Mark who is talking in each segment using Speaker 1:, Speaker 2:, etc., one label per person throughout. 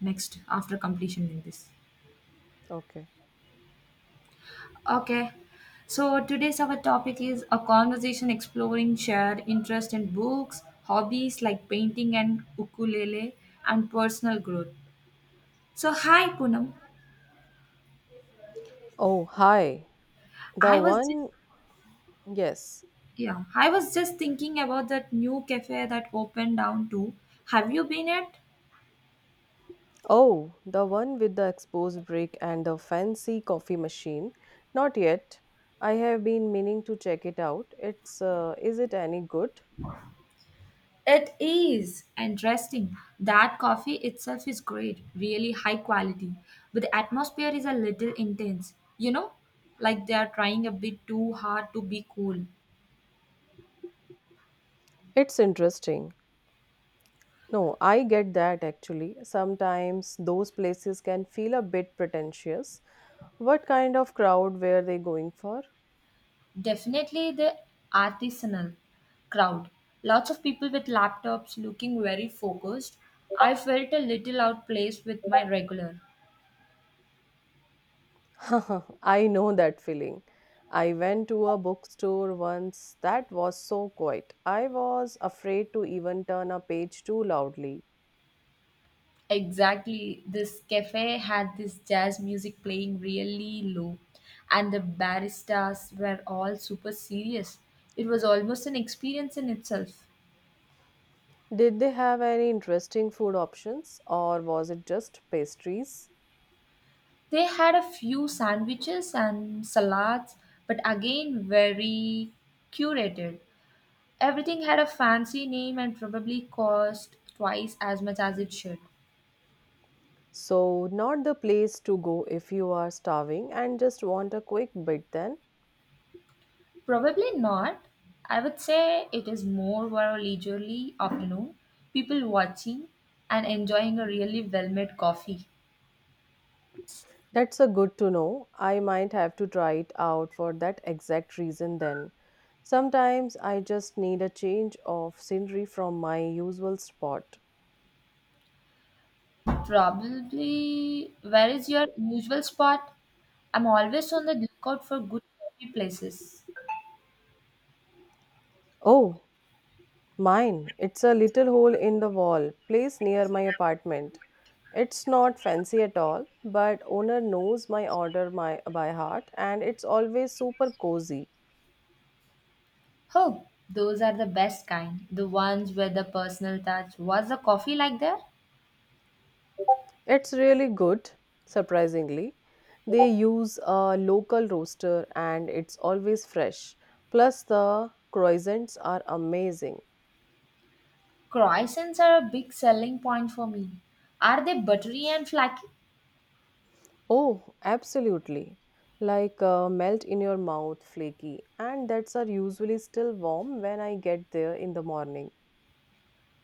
Speaker 1: Next after completion in this.
Speaker 2: Okay.
Speaker 1: Okay. So today's our topic is a conversation exploring shared interest in books, hobbies like painting and ukulele, and personal growth. So hi Punam.
Speaker 2: Oh, hi. The
Speaker 1: I was just
Speaker 2: one, yes.
Speaker 1: yeah, I was just thinking about that new cafe that opened down too. Have you been at?
Speaker 2: Oh, the one with the exposed brick and the fancy coffee machine. Not yet. I have been meaning to check it out. It's is it any good?
Speaker 1: It is interesting. That coffee itself is great, really high quality, but the atmosphere is a little intense, you know, like they are trying a bit too hard to be cool.
Speaker 2: It's interesting. No, I get that actually. Sometimes those places can feel a bit pretentious. What kind of crowd were they going for?
Speaker 1: Definitely the artisanal crowd. Lots of people with laptops looking very focused. I felt a little out place with my regular.
Speaker 2: I know that feeling. I went to a bookstore once that was so quiet. I was afraid to even turn a page too loudly.
Speaker 1: Exactly. This cafe had this jazz music playing really low, and the baristas were all super serious. It was almost an experience in itself.
Speaker 2: Did they have any interesting food options or was it just pastries?
Speaker 1: They had a few sandwiches and salads, but again, very curated. Everything had a fancy name and probably cost twice as much as it should.
Speaker 2: So, not the place to go if you are starving and just want a quick bit then.
Speaker 1: Probably not. I would say it is more for a leisurely afternoon, people watching and enjoying a really well made coffee.
Speaker 2: That's a good to know. I might have to try it out for that exact reason then. Sometimes I just need a change of scenery from my usual spot.
Speaker 1: Probably, where is your usual spot? I'm always on the lookout for good coffee places.
Speaker 2: Oh, mine. It's a little hole in the wall, place near my apartment. It's not fancy at all, but owner knows my order my, by heart and it's always super cozy.
Speaker 1: Oh, those are the best kind, the ones with the personal touch. Was the coffee like there?
Speaker 2: It's really good, surprisingly. They use a local roaster and it's always fresh. Plus, the croissants are amazing.
Speaker 1: Croissants are a big selling point for me. Are they buttery and flaky?
Speaker 2: Oh, absolutely. Like melt in your mouth, flaky. And that's are usually still warm when I get there in the morning.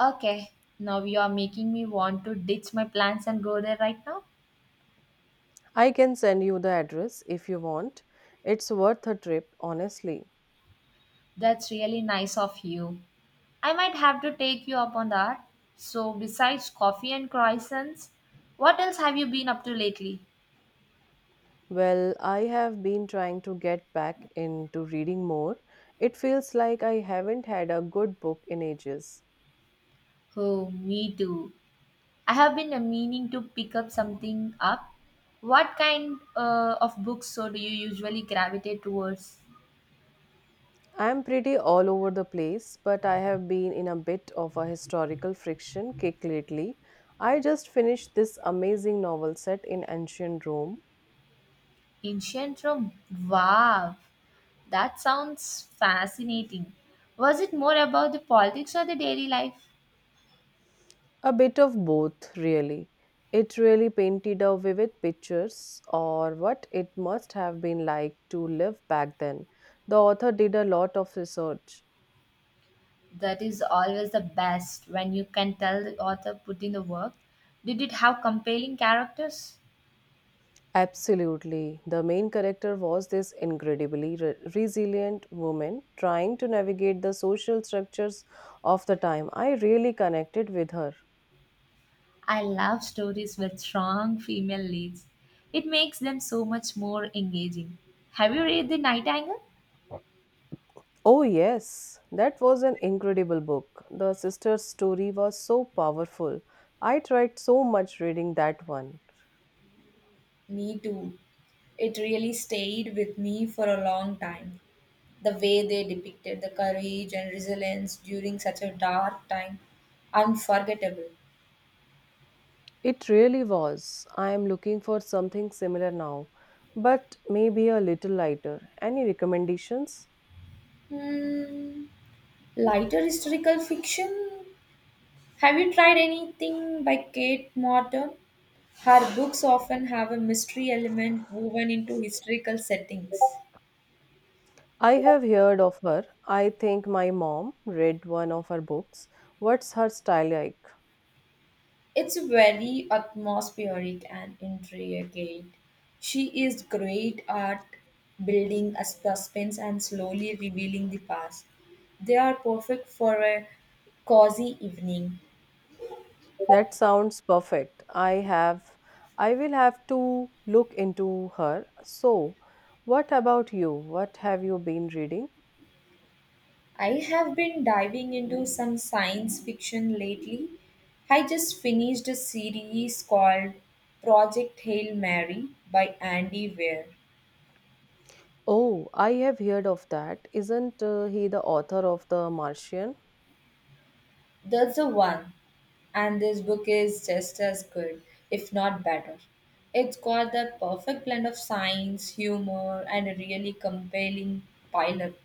Speaker 1: Okay, now you are making me want to ditch my plans and go there right now.
Speaker 2: I can send you the address if you want. It's worth a trip, honestly.
Speaker 1: That's really nice of you. I might have to take you up on that. So, besides coffee and croissants, what else have you been up to lately?
Speaker 2: Well, I have been trying to get back into reading more. It feels like I haven't had a good book in ages.
Speaker 1: Oh, me too. I have been meaning to pick up something up. What kind of books so do you usually gravitate towards?
Speaker 2: I'm pretty all over the place, but I have been in a bit of a historical friction kick lately. I just finished this amazing novel set in ancient Rome.
Speaker 1: Ancient Rome. Wow, that sounds fascinating. Was it more about the politics or the daily life?
Speaker 2: A bit of both, really. It really painted a vivid pictures or what it must have been like to live back then. The author did a lot of research.
Speaker 1: That is always the best when you can tell the author put in the work. Did it have compelling characters?
Speaker 2: Absolutely. The main character was this incredibly resilient woman trying to navigate the social structures of the time. I really connected with her.
Speaker 1: I love stories with strong female leads. It makes them so much more engaging. Have you read The Night Angle?
Speaker 2: Oh, yes, that was an incredible book. The sister's story was so powerful. I tried so much reading that one.
Speaker 1: Me too. It really stayed with me for a long time. The way they depicted the courage and resilience during such a dark time, unforgettable.
Speaker 2: It really was. I am looking for something similar now, but maybe a little lighter. Any recommendations?
Speaker 1: Hmm. Lighter historical fiction? Have you tried anything by Kate Morton? Her books often have a mystery element woven into historical settings.
Speaker 2: I have heard of her. I think my mom read one of her books. What's her style like?
Speaker 1: It's very atmospheric and intricate. She is great at building a suspense and slowly revealing the past. They are perfect for a cozy evening.
Speaker 2: That sounds perfect. I will have to look into her. So, what about you? What have you been reading?
Speaker 1: I have been diving into some science fiction lately. I just finished a series called Project Hail Mary by Andy Weir.
Speaker 2: Oh, I have heard of that. Isn't he the author of The Martian?
Speaker 1: That's the one. And this book is just as good, if not better. It's got that perfect blend of science, humor, and a really compelling pilot.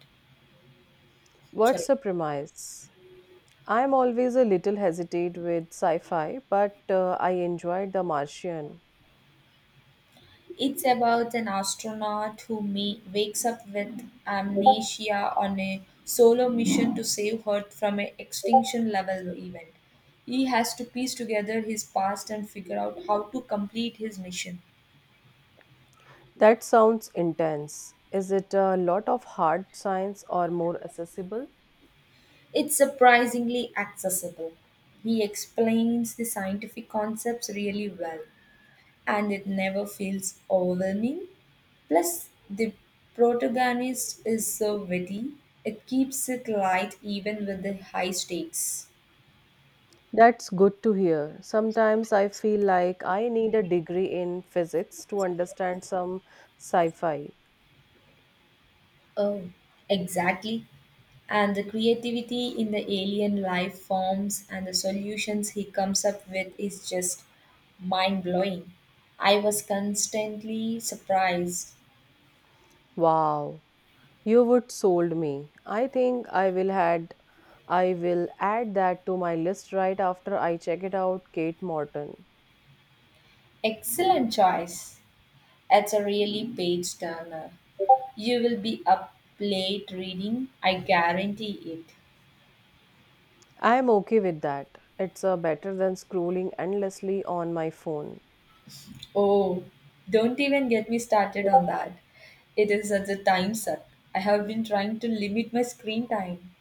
Speaker 2: What's
Speaker 1: Sorry.
Speaker 2: the premise? I'm always a little hesitant with sci-fi, but I enjoyed The Martian.
Speaker 1: It's about an astronaut who wakes up with amnesia on a solo mission to save Earth from an extinction level event. He has to piece together his past and figure out how to complete his mission.
Speaker 2: That sounds intense. Is it a lot of hard science or more accessible?
Speaker 1: It's surprisingly accessible. He explains the scientific concepts really well, and it never feels overwhelming. Plus, the protagonist is so witty, it keeps it light even with the high stakes.
Speaker 2: That's good to hear. Sometimes I feel like I need a degree in physics to understand some sci fi.
Speaker 1: Oh, exactly. And the creativity in the alien life forms and the solutions he comes up with is just mind blowing. I was constantly surprised.
Speaker 2: Wow, you would sold me. I think I will add that to my list right after I check it out Kate Morton.
Speaker 1: Excellent choice. It's a really page turner. You will be up late reading, I guarantee it.
Speaker 2: I am okay with that. It's better than scrolling endlessly on my phone.
Speaker 1: Oh, don't even get me started on that. It is such a time suck. I have been trying to limit my screen time.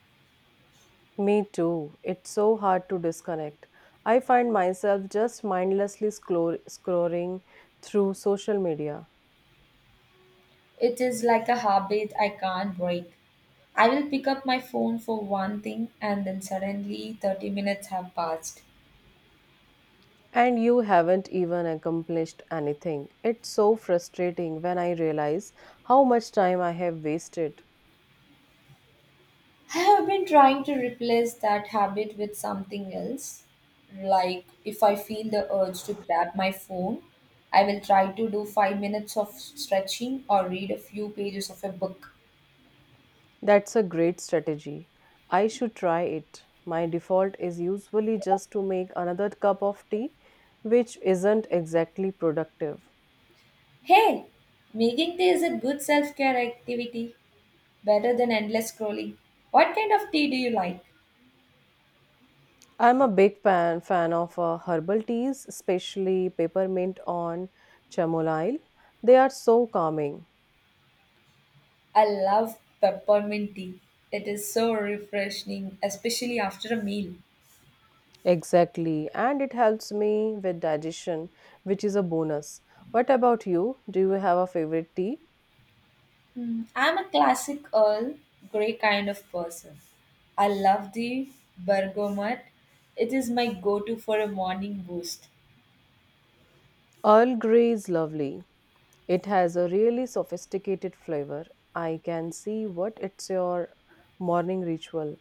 Speaker 2: Me too. It's so hard to disconnect. I find myself just mindlessly scrolling through social media.
Speaker 1: It is like a habit I can't break. I will pick up my phone for one thing and then suddenly 30 minutes have passed.
Speaker 2: And you haven't even accomplished anything. It's so frustrating when I realize how much time I have wasted.
Speaker 1: I have been trying to replace that habit with something else. Like, if I feel the urge to grab my phone, I will try to do 5 minutes of stretching or read a few pages of a book.
Speaker 2: That's a great strategy. I should try it. My default is usually just to make another cup of tea, which isn't exactly productive.
Speaker 1: Hey, making tea is a good self care activity, better than endless scrolling. What kind of tea do you like?
Speaker 2: I'm a big fan of herbal teas, especially peppermint on chamomile. They are so calming.
Speaker 1: I love peppermint tea. It is so refreshing, especially after a meal.
Speaker 2: Exactly, and it helps me with digestion, which is a bonus. What about you? Do you have a favorite tea?
Speaker 1: Hmm, I'm a classic Earl Grey kind of person. I love the bergamot. It is my go to for a morning boost.
Speaker 2: Earl Grey is lovely. It has a really sophisticated flavor. I can see what it's your morning ritual.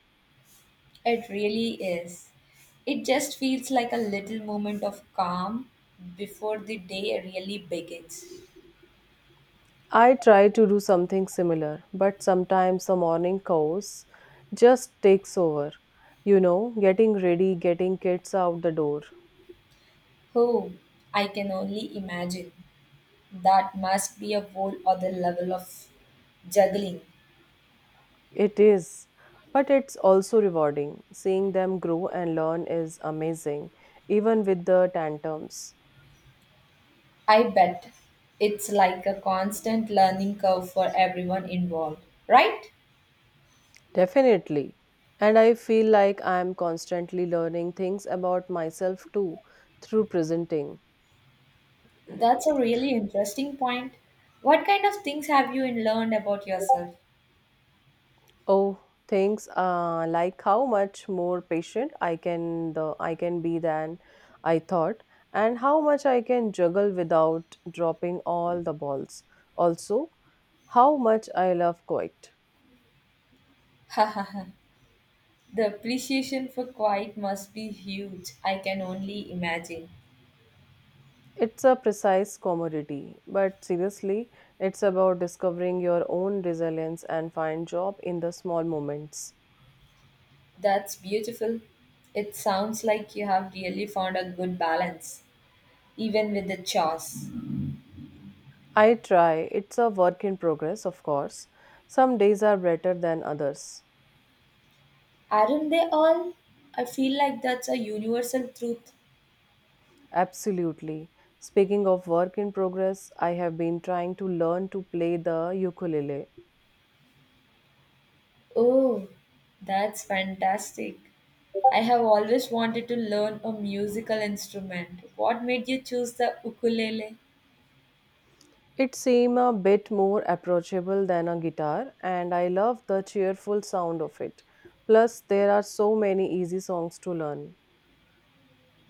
Speaker 1: It really is. It just feels like a little moment of calm before the day really begins.
Speaker 2: I try to do something similar, but sometimes the morning chaos just takes over. You know, getting ready, getting kids out the door.
Speaker 1: Oh, I can only imagine. That must be a whole other level of juggling.
Speaker 2: It is, but it's also rewarding. Seeing them grow and learn is amazing, even with the tantrums.
Speaker 1: I bet it's like a constant learning curve for everyone involved, right?
Speaker 2: Definitely. And I feel like I am constantly learning things about myself too through presenting.
Speaker 1: That's a really interesting point. What kind of things have you learned about yourself?
Speaker 2: Oh, things like how much more patient I can be than I thought, and how much I can juggle without dropping all the balls. Also, how much I love quite.
Speaker 1: the appreciation for quiet must be huge. I can only imagine.
Speaker 2: It's a precise commodity, but seriously, it's about discovering your own resilience and find job in the small moments.
Speaker 1: That's beautiful. It sounds like you have really found a good balance, even with the chores.
Speaker 2: I try. It's a work in progress, of course. Some days are better than others.
Speaker 1: Aren't they all? I feel like that's a universal truth.
Speaker 2: Absolutely. Speaking of work in progress, I have been trying to learn to play the ukulele.
Speaker 1: Oh, that's fantastic. I have always wanted to learn a musical instrument. What made you choose the ukulele?
Speaker 2: It seems a bit more approachable than a guitar, and I love the cheerful sound of it. Plus, there are so many easy songs to learn.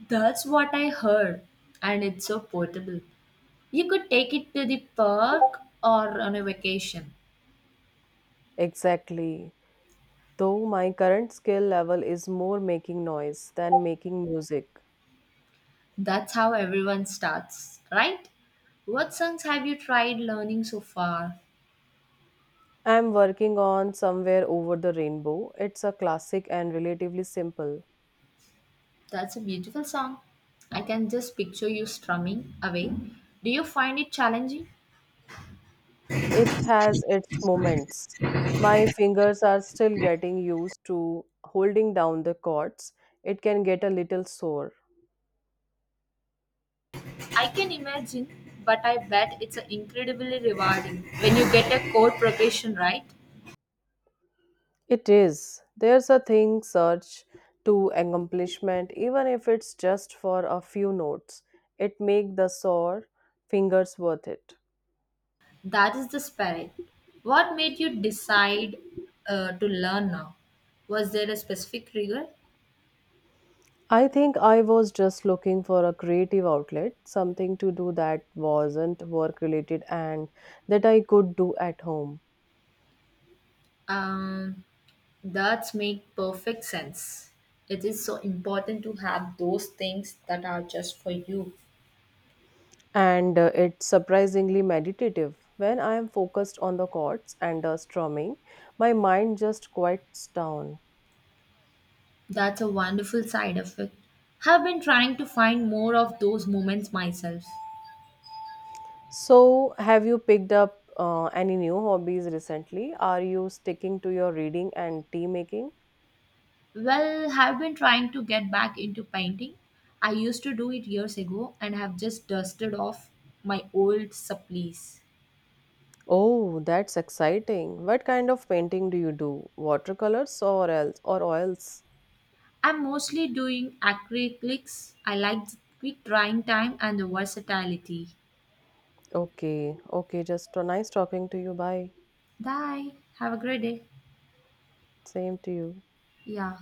Speaker 1: That's what I heard, and it's so portable. You could take it to the park or on a vacation.
Speaker 2: Exactly. Though my current skill level is more making noise than making music.
Speaker 1: That's how everyone starts, right? What songs have you tried learning so far?
Speaker 2: I'm working on Somewhere Over the Rainbow. It's a classic and relatively simple.
Speaker 1: That's a beautiful song. I can just picture you strumming away. Do you find it challenging?
Speaker 2: It has its moments. My fingers are still getting used to holding down the chords. It can get a little sore.
Speaker 1: I can imagine, but I bet it's incredibly rewarding when you get a core profession right.
Speaker 2: It is. There's a thing search to accomplishment, even if it's just for a few notes. It make the sore fingers worth it.
Speaker 1: That is the spirit. What made you decide to learn now? Was there a specific trigger?
Speaker 2: I think I was just looking for a creative outlet, something to do that wasn't work related and that I could do at home.
Speaker 1: Um, that make perfect sense. It is so important to have those things that are just for you.
Speaker 2: And it's surprisingly meditative. When I am focused on the chords and the strumming, my mind just quiets down.
Speaker 1: That's a wonderful side effect. Have been trying to find more of those moments myself.
Speaker 2: So, have you picked up any new hobbies recently? Are you sticking to your reading and tea making?
Speaker 1: Well, have been trying to get back into painting. I used to do it years ago and have just dusted off my old supplies.
Speaker 2: Oh, that's exciting. What kind of painting do you do? Watercolors or oils?
Speaker 1: I'm mostly doing acrylics. I like the quick drying time and the versatility.
Speaker 2: Okay, okay, just nice talking to you. Bye.
Speaker 1: Bye. Have a great day.
Speaker 2: Same to you.
Speaker 1: Yeah.